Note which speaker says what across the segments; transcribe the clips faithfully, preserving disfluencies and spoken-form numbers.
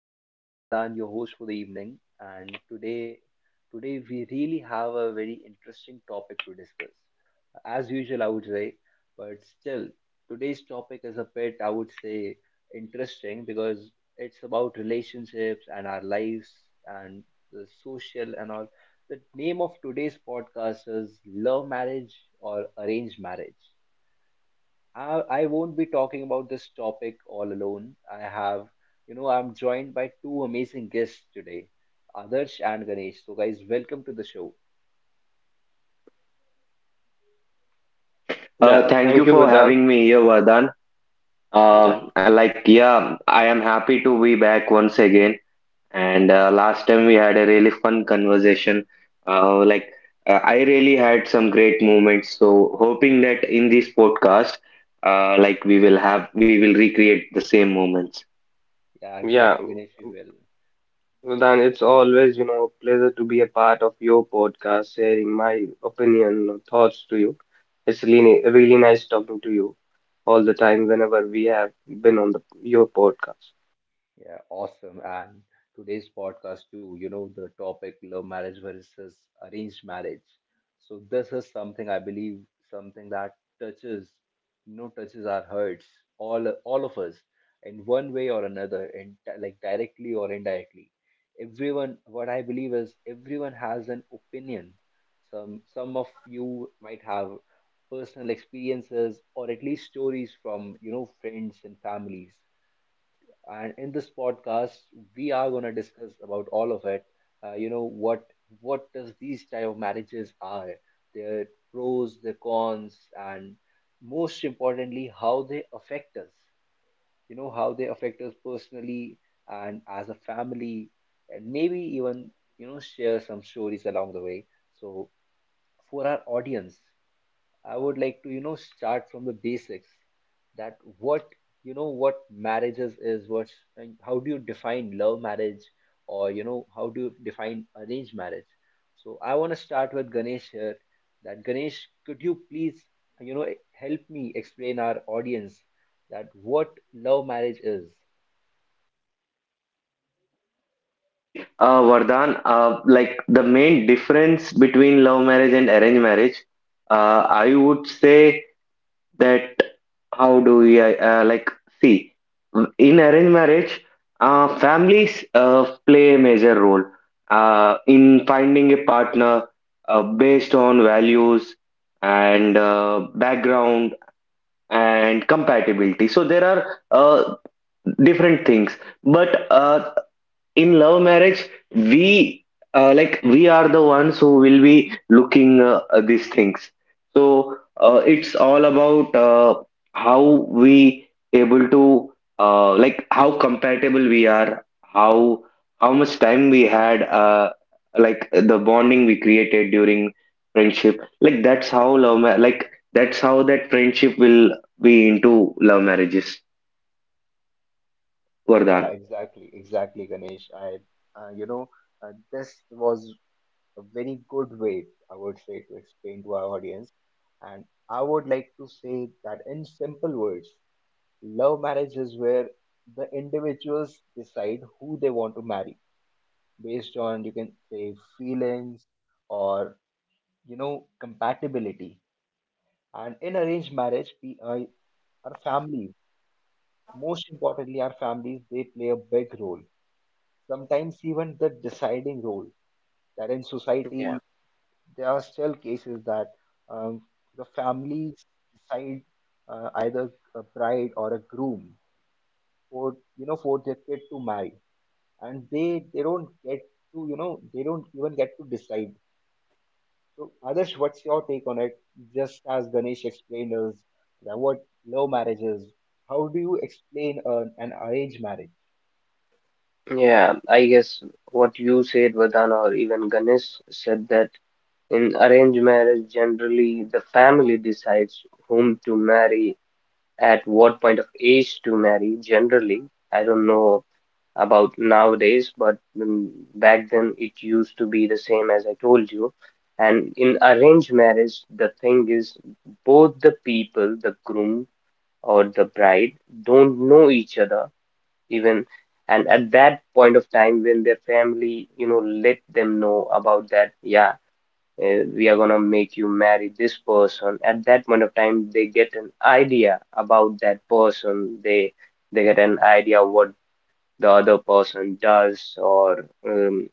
Speaker 1: I'm Vardhan, your host for the evening, and today, today we really have a very interesting topic to discuss. As usual, I would say, but still, today's topic is a bit, I would say, interesting because it's about relationships and our lives and the social and all. The name of today's podcast is Love Marriage or Arranged Marriage. I, I won't be talking about this topic all alone. I have, you know, I'm joined by two amazing guests today, Adarsh and Ganesh. So, guys, welcome to the show.
Speaker 2: Yeah,
Speaker 3: Uh, thank you
Speaker 2: thank you,
Speaker 3: for
Speaker 2: Vedan.
Speaker 3: having me here, Vardhan.
Speaker 2: Yeah,
Speaker 3: Uh, like, yeah, I am happy to be back once again. And uh, last time we had a really fun conversation. Uh, like, uh, I really had some great moments. So, hoping that in this podcast, uh, like, we will have, we will recreate the same moments.
Speaker 1: Yeah,
Speaker 2: yeah,
Speaker 1: exactly, Ganesh, we will.
Speaker 2: Vedan, it's always, you know, a pleasure to be a part of your podcast, sharing my opinion or thoughts to you. It's really, really nice talking to you all the time whenever we have been on the your podcast.
Speaker 1: Yeah, awesome. And today's podcast too, you know, the topic love marriage versus arranged marriage. So this is something I believe, something that touches, you know, touches our hearts, all all of us, in one way or another, and di- like directly or indirectly. Everyone, what I believe is everyone has an opinion. Some some of you might have personal experiences or at least stories from, you know, friends and families, and in this podcast we are going to discuss about all of it. Uh, you know, what what does these type of marriages are, their pros, their cons, and most importantly how they affect us, you know, how they affect us personally and as a family, and maybe even, you know, share some stories along the way. So for our audience, I would like to, you know, start from the basics. That what, you know, what marriages is, what, how do you define love marriage or, you know, how do you define arranged marriage? So I want to start with Ganesh here. That Ganesh, could you please, you know, help me explain our audience that what love marriage is?
Speaker 3: See, uh, Vardhan, uh, like the main difference between love marriage and arranged marriage, uh, I would say, that how do we uh, uh, like see in arranged marriage, uh, families uh, play a major role uh, in finding a partner, uh, based on values and uh, background and compatibility. So there are uh, different things, but uh, in love marriage, we uh, like we are the ones who will be looking uh, these things. So uh, it's all about uh, how we able to, uh, like how compatible we are, how how much time we had, uh, like the bonding we created during friendship. Like that's how love ma- like That's how that friendship will be into love marriages, vardhan.
Speaker 1: Yeah, exactly, exactly, Ganesh. I, uh, you know, uh, this was a very good way, I would say, to explain to our audience. And I would like to say that in simple words, love marriage is where the individuals decide who they want to marry based on, you can say, feelings or, you know, compatibility. And in arranged marriage, we, uh, our families, most importantly, our families, they play a big role, sometimes even the deciding role. That in
Speaker 2: Yeah,
Speaker 1: society there are still cases that um, the families decide uh, either a bride or a groom for, you know, for their kid to marry, and they they don't get to, you know, they don't even get to decide. So others what's your take on it? Just as Ganesh explained us that what love marriage is, how do you explain an, an arranged marriage?
Speaker 2: yeah, I guess what you said, Vedan, or even Ganesh said, that in arranged marriage, generally the family decides whom to marry, at what point of age to marry, generally. I don't know about nowadays, but mm, back then it used to be the same as I told you. And in arranged marriage, the thing is, both the people, the groom or the bride, don't know each other even. And at that point of time, when their family, you know, let them know about that, yeah, uh, we are gonna make you marry this person. At that point of time, they get an idea about that person. They they get an idea what the other person does, or um,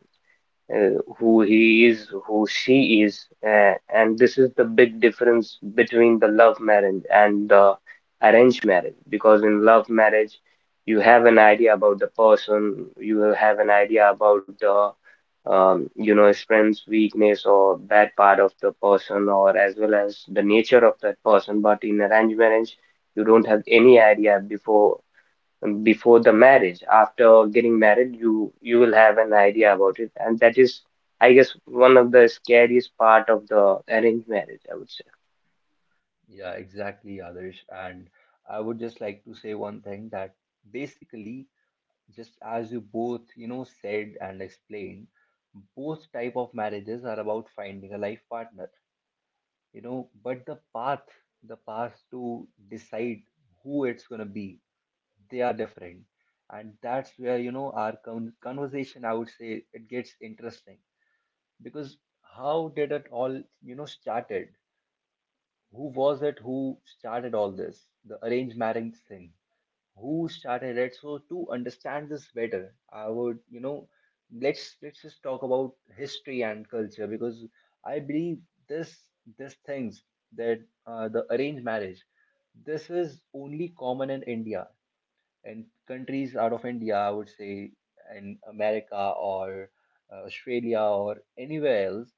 Speaker 2: uh, who he is, who she is. Uh, and this is the big difference between the love marriage and the arranged marriage, because in love marriage, you have an idea about the person, you will have an idea about the um, you know, strengths, weakness, or bad part of the person, or as well as the nature of that person. But in arranged marriage, you don't have any idea before before the marriage. After getting married, you you will have an idea about it, and that is, I guess, one of the scariest part of the arranged marriage, I would say.
Speaker 1: Yeah, exactly, Adarsh. And I would just like to say one thing, that basically, just as you both, you know, said and explained, both type of marriages are about finding a life partner, you know, but the path, the path to decide who it's going to be, they are different. And that's where, you know, our con- conversation, I would say, it gets interesting. Because how did it all, you know, started? Who was it who started all this, the arranged marriage thing? Who started it? So to understand this better, I would, you know, let's, let's just talk about history and culture. Because I believe this, this things that uh, the arranged marriage, this is only common in India. And countries out of India, I would say, in America or uh, Australia or anywhere else,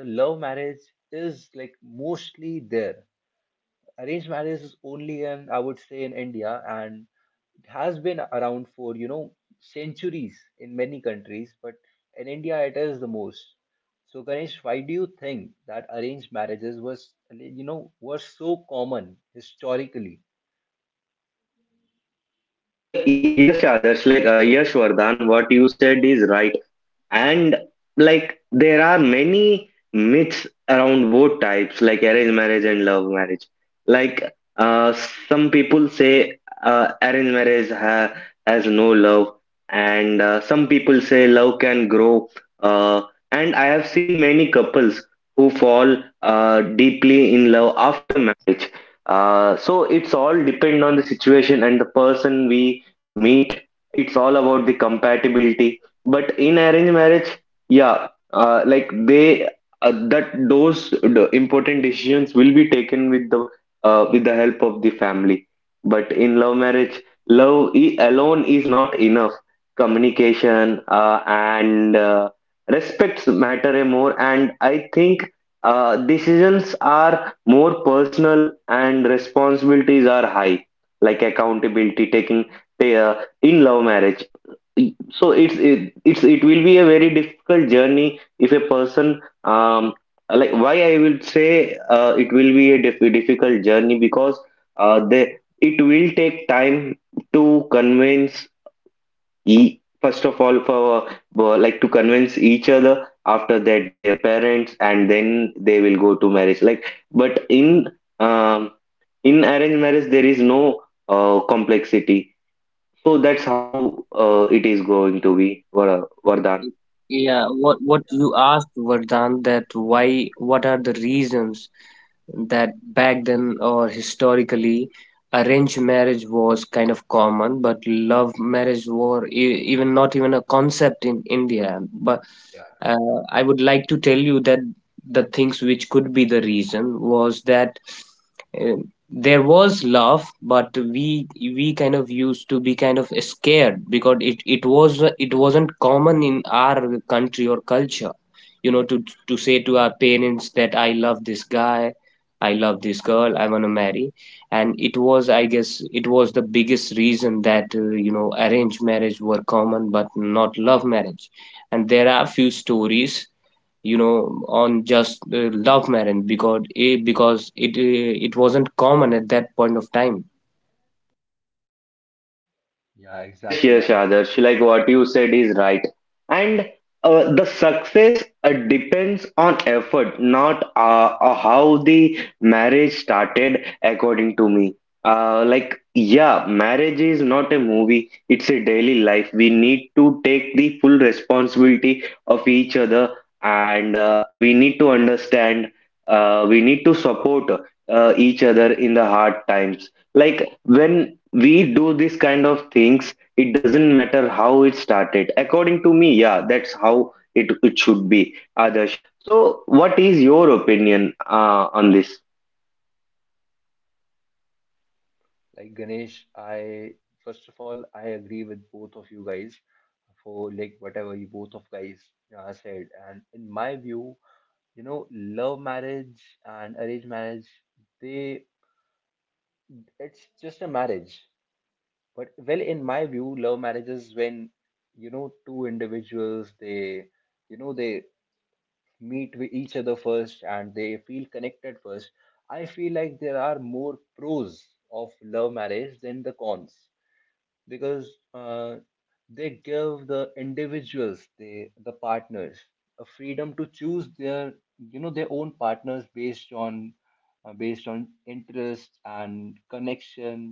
Speaker 1: the love marriage is like mostly there. Arranged marriage is only in, I would say, in India. And it has been around for, you know, centuries in many countries, but in India it is the most. So Ganesh, why do you think that arranged marriages was, you know, were so common historically?
Speaker 3: Ye- Yes, Adarsh, like uh, Yash Vardhan, what you said is right. And like there are many myths around both types, like arranged marriage and love marriage. Like uh, some people say uh, arranged marriage ha has no love, and uh, some people say love can grow. Uh, and I have seen many couples who fall uh, deeply in love after marriage. Uh, so it's all depend on the situation and the person we meet. It's all about the compatibility. But in arranged marriage, yeah, uh, like they uh, that those the important decisions will be taken with the uh, with the help of the family. But in love marriage, love i- alone is not enough. Communication uh, and uh, respects matter a more, and I think uh, decisions are more personal and responsibilities are high, like accountability taking uh, in love marriage. So it's it, it's it will be a very difficult journey if a person, um like why I will say uh, it will be a diff- difficult journey, because uh, they it will take time to convince, e- first of all, for for, like to convince each other, after that their parents, and then they will go to marriage. Like but in um in arranged marriage there is no uh, complexity. So that's how uh, it is going to be, Vara- Vardhan.
Speaker 2: Yeah, what what you asked, Vardhan, that why, what are the reasons that back then or historically arranged marriage was kind of common, but love marriage were e- even not even a concept in India. But
Speaker 1: Yeah,
Speaker 2: uh, I would like to tell you that the things which could be the reason was that uh, there was love, but we we kind of used to be kind of scared because it it was, it wasn't common in our country or culture, you know, to to say to our parents that I love this guy, I love this girl, I want to marry. And it was, I guess it was the biggest reason that, uh, you know, arranged marriage were common but not love marriage. And there are few stories, you know, on just uh, love marriage because it, because it uh, it wasn't common at that point of time.
Speaker 1: yeah,
Speaker 3: Yes,
Speaker 1: exactly,
Speaker 3: yes,
Speaker 1: Adarsh.
Speaker 3: Adarsh. Like what you said is right. And uh, the success uh, depends on effort, not uh, uh, how the marriage started, according to me. Uh, like, yeah, marriage is not a movie, it's a daily life. We need to take the full responsibility of each other, and uh, we need to understand, uh, we need to support uh, each other in the hard times. Like, when we do this kind of things, it doesn't matter how it started, according to me. Yeah, that's how it, it should be, Adarsh. So what is your opinion uh, on this?
Speaker 1: Like Ganesh, I, first of all, I agree with both of you guys, for like whatever you both of guys uh, said. And in my view, you know, love marriage and arranged marriage, they, it's just a marriage. But well, in my view, love marriage is when, you know, two individuals they, you know, they meet with each other first and they feel connected first. I feel like there are more pros of love marriage than the cons, because uh, they give the individuals, they the partners, a freedom to choose their, you know, their own partners based on uh, based on interest and connection,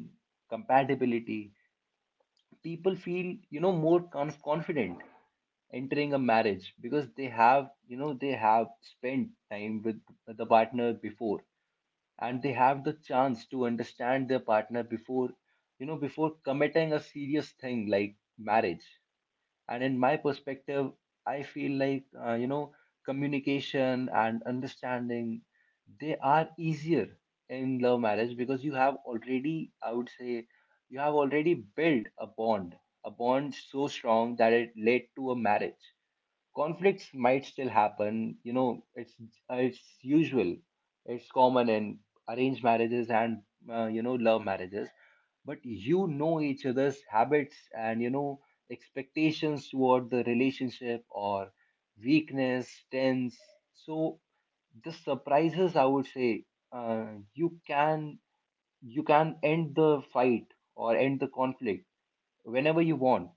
Speaker 1: compatibility. People feel, you know, more conf- confident entering a marriage, because they have, you know, they have spent time with the partner before, and they have the chance to understand their partner before, you know, before committing a serious thing like marriage. And in my perspective, I feel like uh, you know, communication and understanding, they are easier in love marriage, because you have already, I would say, you have already built a bond, a bond so strong that it led to a marriage. Conflicts might still happen, you know, it's it's usual, it's common in arranged marriages and uh, you know, love marriages. But you know each other's habits and, you know, expectations toward the relationship or weakness tense. So the surprises, I would say, uh, you can, you can end the fight or end the conflict whenever you want.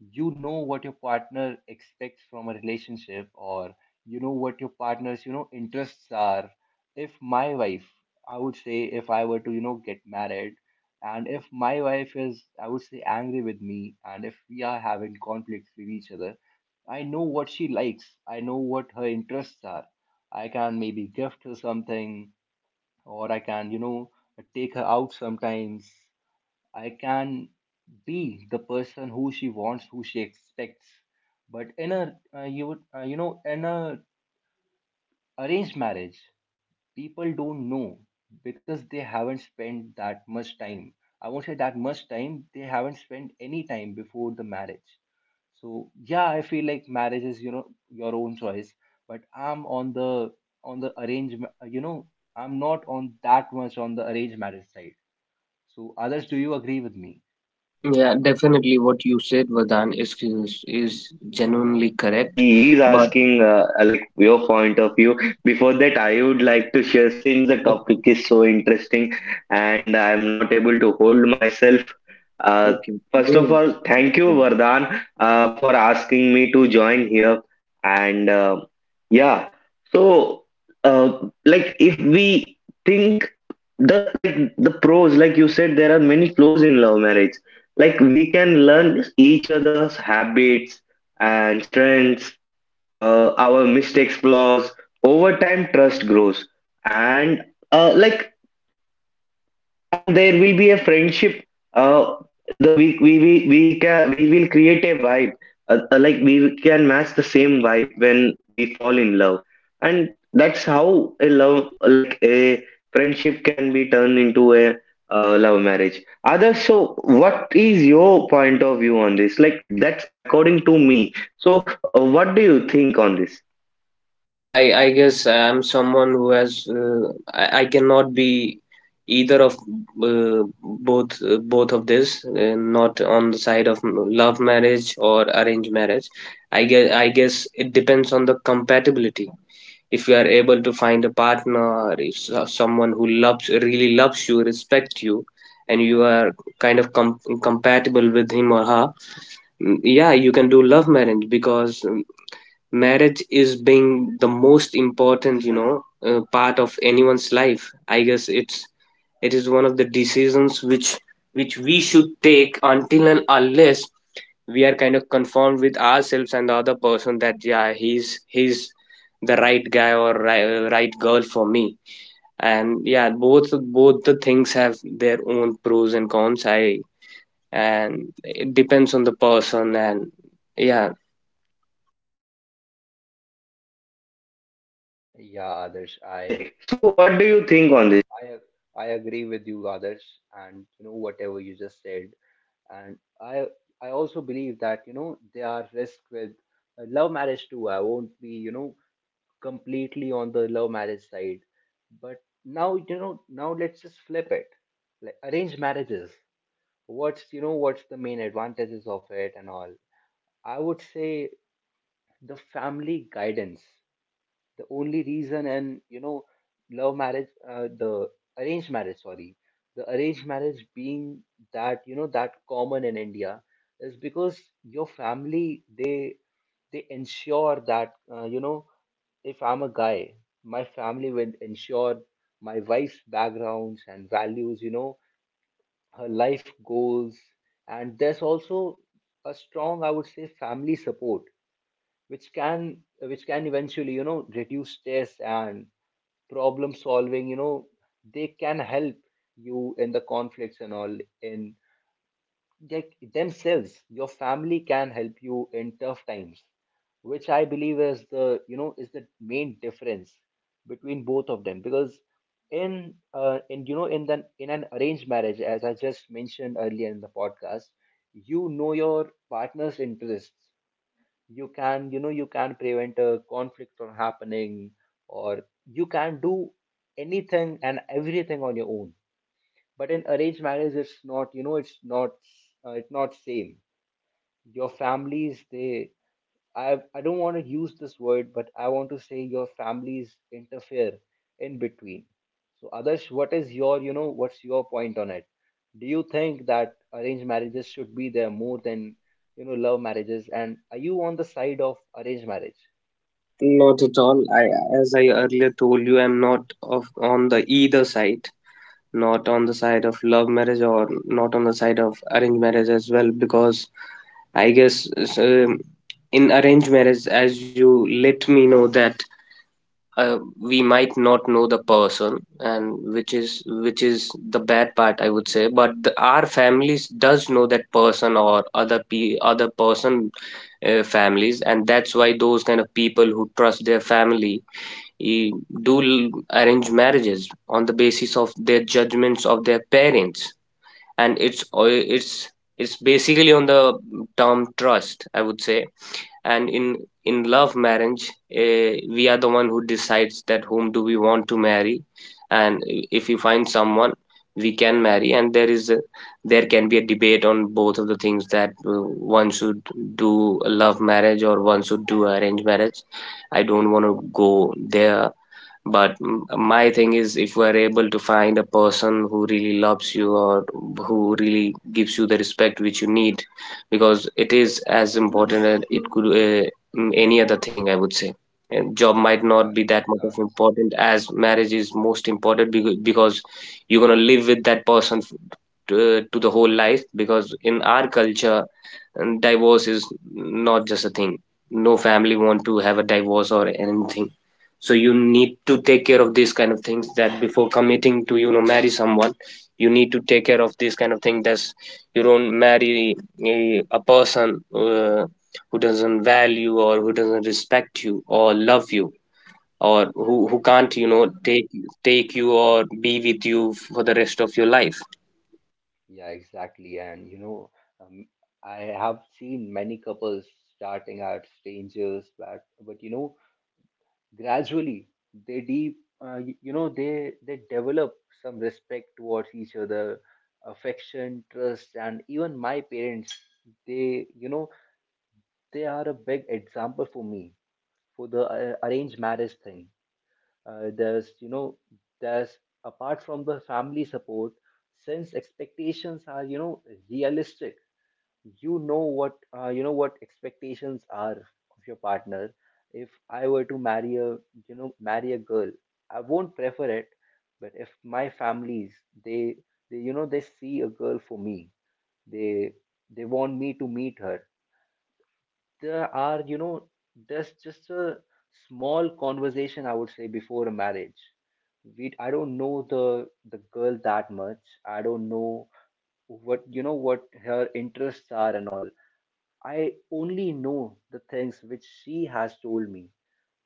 Speaker 1: You know what your partner expects from a relationship, or you know what your partner's, you know, interests are. If my wife, I would say, if I were to, you know, get married, and if my wife is, I would say, angry with me, and if we are having conflicts with each other, I know what she likes. I know what her interests are. I can maybe gift her something, or I can, you know, take her out sometimes. I can be the person who she wants, who she expects. But in a uh, you would uh, you know, in a arranged marriage, people don't know, because they haven't spent that much time. I won't say that much time. They haven't spent any time before the marriage. So yeah, I feel like marriage is, you know, your own choice. But I'm on the, on the arranged ma- uh, you know, I'm not on that much on the arranged marriage side. So others, do you agree with me?
Speaker 3: Yes.
Speaker 2: Yeah, definitely
Speaker 3: Yes,
Speaker 2: what
Speaker 3: yes.
Speaker 2: you said,
Speaker 3: Uh, like,
Speaker 2: Vadan,
Speaker 3: uh,
Speaker 2: is
Speaker 3: see,
Speaker 2: is,
Speaker 3: uh, sorry,
Speaker 2: is
Speaker 3: Adarsh. Like,
Speaker 2: genuinely correct.
Speaker 3: he is
Speaker 2: But
Speaker 3: asking, uh, uh, like, your point of view. Before that, I would like to share, since the
Speaker 2: Okay.
Speaker 3: topic is so interesting, and I'm not able to hold myself. Uh,
Speaker 2: Okay,
Speaker 3: First
Speaker 2: go
Speaker 3: of
Speaker 2: ahead.
Speaker 3: all, thank you, Vardhan, uh, for asking me to join here. And uh, yeah, so, uh, like, if we think the, like the pros, like you said, there are many pros in love marriage. Like we can learn each other's habits and strengths, uh, our mistakes, flaws. Over time, trust grows, and uh, like and there will be a friendship, uh the, we, we we we can we will create a vibe, uh, uh, like we can match the same vibe when we fall in love. And that's how a love like a friendship can be turned into a uh, love marriage. Other, so what is your point of view on this? Like, that's according to me. So uh, what do you think on this?
Speaker 2: I, I I guess I'm someone who has, uh, I, I cannot be either of, uh, both uh, both of this, uh, not on the side of love marriage or arranged marriage. I guess I guess it depends on the compatibility. If you are able to find a partner, if so- someone who loves, really loves you, respect you, and you are kind of com- compatible with him or her, mm, yeah, you can do love marriage, because marriage is being the most important, you know, uh, part of anyone's life. I guess it's, it is one of the decisions which which we should take until and unless we are kind of conformed with ourselves and the other person, that yeah, he's he's the right guy or right, right girl for me. And yeah, both both the things have their own pros and cons. I and it depends on the person. And yeah.
Speaker 1: Yeah, Adarsh, I,
Speaker 3: Okay, so what do you think on this?
Speaker 1: I I agree with you, Adarsh, and you know whatever you just said. And I I also believe that, you know, there are risks with uh, love marriage too. I won't be, you know, completely on the love marriage side. But now, you know, now let's just flip it, like arranged marriages. What's, you know, what's the main advantages of it and all? I would say the family guidance. The only reason, and you know, love marriage uh, the arranged marriage, sorry, the arranged marriage being that, you know, that common in India, is because your family, they they ensure that, uh, you know, if I'm a guy, my family will ensure my wife's backgrounds and values, you know, her life goals. And there's also a strong, I would say, family support, which can, which can eventually, you know, reduce stress and problem solving. You know, they can help you in the conflicts and all, in like themselves, your family can help you in tough times. Which I believe is the, you know, is the main difference between both of them. Because in uh, in, you know, in the, in an arranged marriage, as I just mentioned earlier in the podcast, you know, your partner's interests, you can, you know, you can prevent a conflict from happening. Or you can do anything and everything on your own. But in arranged marriage, it's not, you know, it's not uh, it's not same. Your families, they, I I don't want to use this word, but I want to say your families interfere in between. So Adarsh, what is your, you know, what's your point on it? Do you think that arranged marriages should be there more than, you know, love marriages? And are you on the side of arranged marriage?
Speaker 2: Not at all. I, as I earlier told you, I'm not of on the either side, not on the side of love marriage or not on the side of arranged marriage as well, because I guess, um in arranged marriage, as you let me know, that uh, we might not know the person, and which is which is the bad part, I would say. But the, our families does know that person, or other pe other person uh, families, and that's why those kind of people who trust their family, eh, do l- arrange marriages on the basis of their judgments of their parents. And it's o- it's it's basically on the term trust, I would say. And in in love marriage, uh, we are the one who decides that whom do we want to marry. And i- if we find someone, we can marry. And there is a, there can be a debate on both of the things, that uh, one should do a love marriage or one should do arranged marriage. I don't want to go there, but m- my thing is, if we are able to find a person who really loves you, or who really gives you the respect which you need, because it is as important as it could, uh, mm, any other thing, I would say. And job might not
Speaker 1: Yeah,
Speaker 2: be that much of
Speaker 1: yeah,
Speaker 2: important as marriage is most important, because, because you're gonna live with that person f- to, to the whole life. Because in our culture, and divorce is not just a thing. No family want to have a divorce or anything. So you need to take care of these kind of things, that before committing to, you know, marry someone, you need to take care of this kind of thing, that's, you don't marry a, a person uh, who doesn't value or who doesn't respect you or love you, or who, who can't, you
Speaker 1: yeah,
Speaker 2: know, take take you or be with you for the rest of your life.
Speaker 1: yeah, exactly. And you know, um, I have seen many couples starting at strangers, but but you know, gradually they deep uh, y- you know they they develop some respect towards each other, affection, trust. And even my parents, they you know they are a big example for me for the uh, arranged marriage thing. Uh, there's you know There's, apart from the family support, since expectations are, you know realistic. You know what uh, you know what expectations are of your partner. If I were to marry a, you know marry a girl, I won't prefer it. But if my families, they, they you know they see a girl for me, they they want me to meet her. There are you know There's just a small conversation, I would say, before a marriage. We I don't know the the girl that much. I don't know what you know what her interests are and all. I only know the things which she has told me,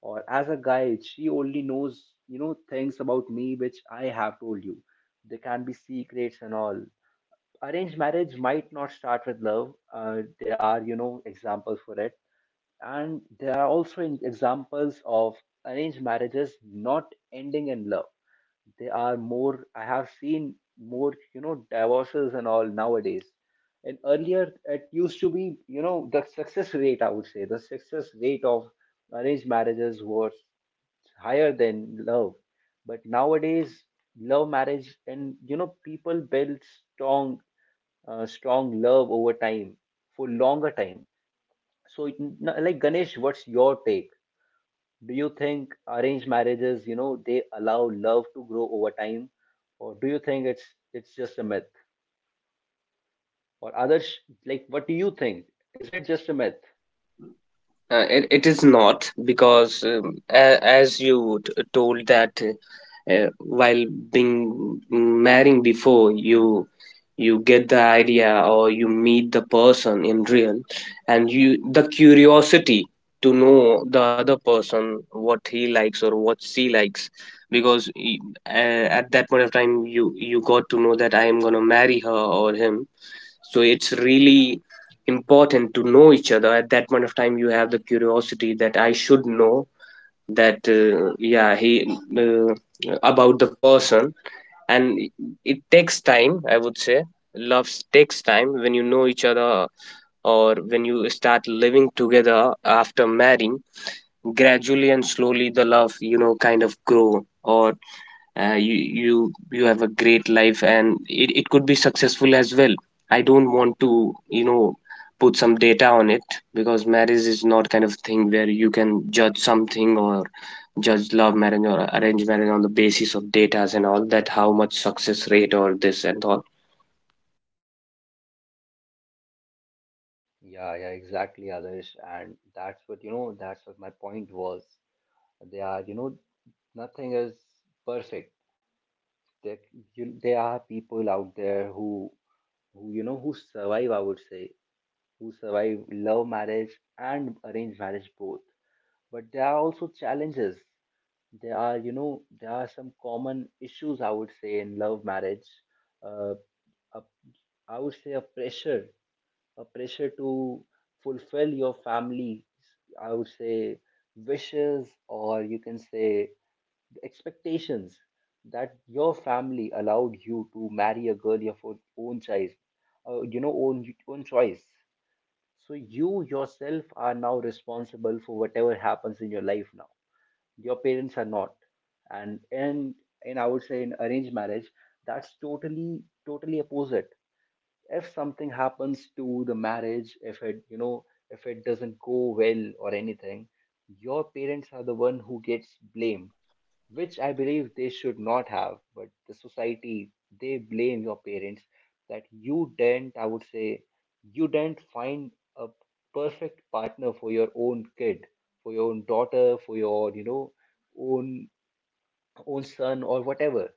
Speaker 1: or as a guy, she only knows, you know, things about me which I have told you. They can be secrets and all. Arranged marriage might not start with love. Uh, there are, you know, examples for it, and there are also in- examples of arranged marriages not ending in love. They are more, I have seen more, you know, divorces and all nowadays. And earlier, it used to be, you know, the success rate, I would say, the success rate of arranged marriages was higher
Speaker 3: Yes,
Speaker 1: than love.
Speaker 3: so uh,
Speaker 1: But
Speaker 3: sorry, Vardhan,
Speaker 1: nowadays,
Speaker 3: uh, to
Speaker 1: love
Speaker 3: interrupt you.
Speaker 1: marriage and, you
Speaker 3: Uh,
Speaker 1: know, people
Speaker 3: like
Speaker 1: build
Speaker 3: Parents
Speaker 1: strong,
Speaker 3: worry about
Speaker 1: uh,
Speaker 3: the
Speaker 1: strong love
Speaker 3: safety
Speaker 1: over
Speaker 3: uh,
Speaker 1: time,
Speaker 3: and
Speaker 1: for longer time.
Speaker 3: stability,
Speaker 1: So,
Speaker 3: sometimes
Speaker 1: it,
Speaker 3: this like the
Speaker 1: like Ganesh,
Speaker 3: social
Speaker 1: what's your
Speaker 3: acceptance,
Speaker 1: take?
Speaker 3: and
Speaker 1: Do
Speaker 3: young
Speaker 1: you
Speaker 3: people
Speaker 1: think arranged
Speaker 3: worry about
Speaker 1: marriages, you
Speaker 3: being
Speaker 1: know, they
Speaker 3: understood.
Speaker 1: allow love to grow
Speaker 3: And
Speaker 1: over
Speaker 3: uh,
Speaker 1: time,
Speaker 3: yeah,
Speaker 1: or do
Speaker 3: this
Speaker 1: you think it's
Speaker 3: gap
Speaker 1: it's
Speaker 3: often
Speaker 1: just a
Speaker 3: creates
Speaker 1: myth?
Speaker 3: conflict between each other.
Speaker 1: Or Adarsh,
Speaker 3: Uh,
Speaker 1: like, what
Speaker 3: according
Speaker 1: do
Speaker 3: to
Speaker 1: you think?
Speaker 3: me,
Speaker 1: Is it
Speaker 3: the
Speaker 1: just a myth?
Speaker 3: solution is uh,
Speaker 2: Uh, it,
Speaker 3: the
Speaker 2: it is not,
Speaker 3: conversation, uh,
Speaker 2: because um,
Speaker 3: not
Speaker 2: a,
Speaker 3: the
Speaker 2: as you t-
Speaker 3: confrontation.
Speaker 2: told, that
Speaker 3: Uh, yeah,
Speaker 2: uh,
Speaker 3: Vardhan.
Speaker 2: while
Speaker 3: Like that's
Speaker 2: being, mm,
Speaker 3: that's the,
Speaker 2: marrying
Speaker 3: that's my
Speaker 2: before
Speaker 3: point of
Speaker 2: you,
Speaker 3: view on this.
Speaker 2: you get the
Speaker 3: Others, so
Speaker 2: idea
Speaker 3: what do
Speaker 2: or you
Speaker 3: you think?
Speaker 2: meet the
Speaker 3: What is
Speaker 2: person
Speaker 3: the
Speaker 2: in real,
Speaker 3: most
Speaker 2: and
Speaker 3: important
Speaker 2: you
Speaker 3: thing
Speaker 2: the
Speaker 3: uh, to ha-
Speaker 2: curiosity
Speaker 3: uh,
Speaker 2: to
Speaker 3: have a
Speaker 2: know
Speaker 3: good
Speaker 2: the other
Speaker 3: life in
Speaker 2: person,
Speaker 3: uh,
Speaker 2: what he
Speaker 3: uh,
Speaker 2: likes or
Speaker 3: love
Speaker 2: what
Speaker 3: marriage?
Speaker 2: she
Speaker 3: Or
Speaker 2: likes, because
Speaker 3: uh,
Speaker 2: y-
Speaker 3: like
Speaker 2: uh, at
Speaker 3: what
Speaker 2: that point of time
Speaker 3: is
Speaker 2: you
Speaker 3: really
Speaker 2: you got to know
Speaker 3: required
Speaker 2: that I am
Speaker 3: in
Speaker 2: gonna
Speaker 3: marriage?
Speaker 2: marry her or him. So it's really important to know each other. At that point of time you have the curiosity that I should know that, uh, yeah he uh, about the person. And it takes time, I would say. Love takes time when you know each other, or when you start living together after marrying. Gradually and slowly the love, you know, kind of grow, or uh, you you you have a great life, and it, it could be successful as well. I don't want to, you know, put some data on it, because marriage is not kind of thing where you can judge something, or judge love marriage or arranged marriage on the basis of data and all that, how much success rate or this and all.
Speaker 1: Yeah, yeah, exactly, Adarsh, and that's what you know. that's what my point was. They are, you know, nothing is perfect. There, you, there are people out there who, who you know, who survive, I would say, who survive love marriage and arranged marriage both. But there are also challenges. There are you know there are some common issues, I would say, in love marriage. uh, a, I would say a pressure, a pressure to fulfill your family's, I would say, wishes, or you can say the expectations, that your family allowed you to marry a girl of your fo- own choice. Uh, you know own, own choice. So you yourself are now responsible for whatever happens in your life now. Your parents are not. And and and I would say in arranged marriage, that's totally totally opposite. If something happens to the marriage, if it, you know if it doesn't go well or anything, your parents are the one who gets blamed, which I believe they should not have. But the society, they blame your parents, that you didn't, I would say, you didn't find a perfect partner for your own kid, for your own daughter, for your, you know, own, own son, or whatever.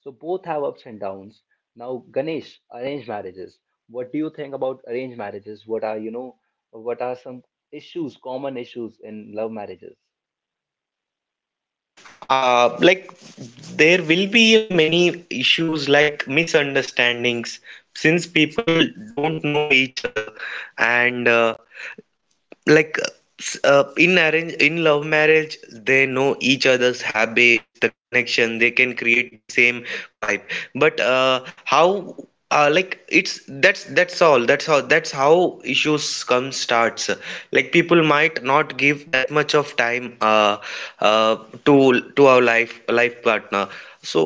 Speaker 1: So both have ups and downs. Now, Ganesh, arranged marriages. What do you think about arranged marriages? What are, you know, what are some issues, common issues in love marriages?
Speaker 3: See, uh, like there will be many issues, like misunderstandings, since people don't know each other. And uh, like uh, in arrange in love marriage, they know each other's habits, the connection, they can create the same vibe. But uh, how uh, like it's that's that's all that's how that's how issues come starts. Like, people might not give that much of time uh, uh, to to our life life partner. So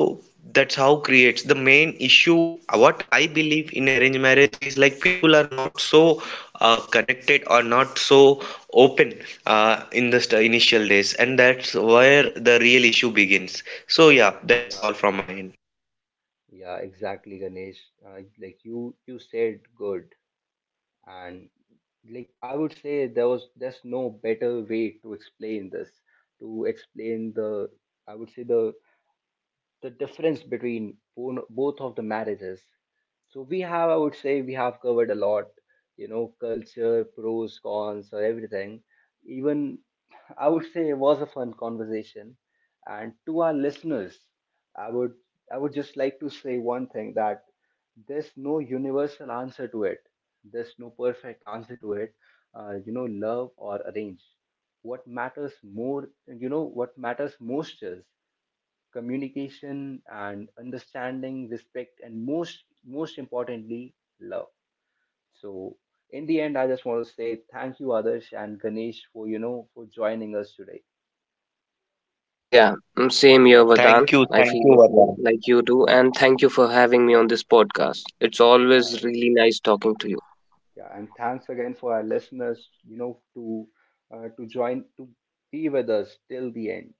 Speaker 3: that's how creates the main issue. What I believe in arranged marriage is, like, people are not so uh, connected or not so open uh, in the st- initial days, and that's where the real issue begins. So, yeah, that's all
Speaker 1: Yeah.
Speaker 3: from my end.
Speaker 1: Yeah, exactly, Ganesh. Uh, like you, you said good, and like I would say there was there's no better way to explain this, to explain the, I would say, the the difference between bon- both of the marriages. So we have, I would say, we have covered a lot, you know, culture, pros, cons, or everything. Even I would say it was a fun conversation. And to our listeners, I would I would just like to say one thing, that there's no universal answer to it. There's no perfect answer to it. Uh, you know, love or arrange. What matters more, you know, what matters most is communication and understanding, respect, and most most importantly, love. So in the end, I just want to say thank you, Adarsh and Ganesh, for you know for joining us today.
Speaker 2: Yeah. Mm, same here, Vardhan.
Speaker 3: Thank you,
Speaker 2: I
Speaker 3: thank
Speaker 2: feel the
Speaker 3: you,
Speaker 2: same
Speaker 3: Vardhan.
Speaker 2: like you do, and thank you for having me on this podcast. It's
Speaker 1: Yeah,
Speaker 2: always really nice talking to you.
Speaker 1: yeah, and thanks again for our listeners, you know, to uh, to join to be with us till the end.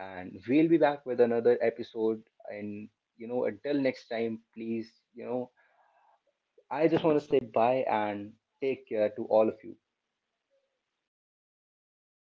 Speaker 1: And we'll be back with another episode. And, you know, until next time, please, you know, I just want to say bye and take care to all of you.
Speaker 2: Bye bye Vardhan. Take care.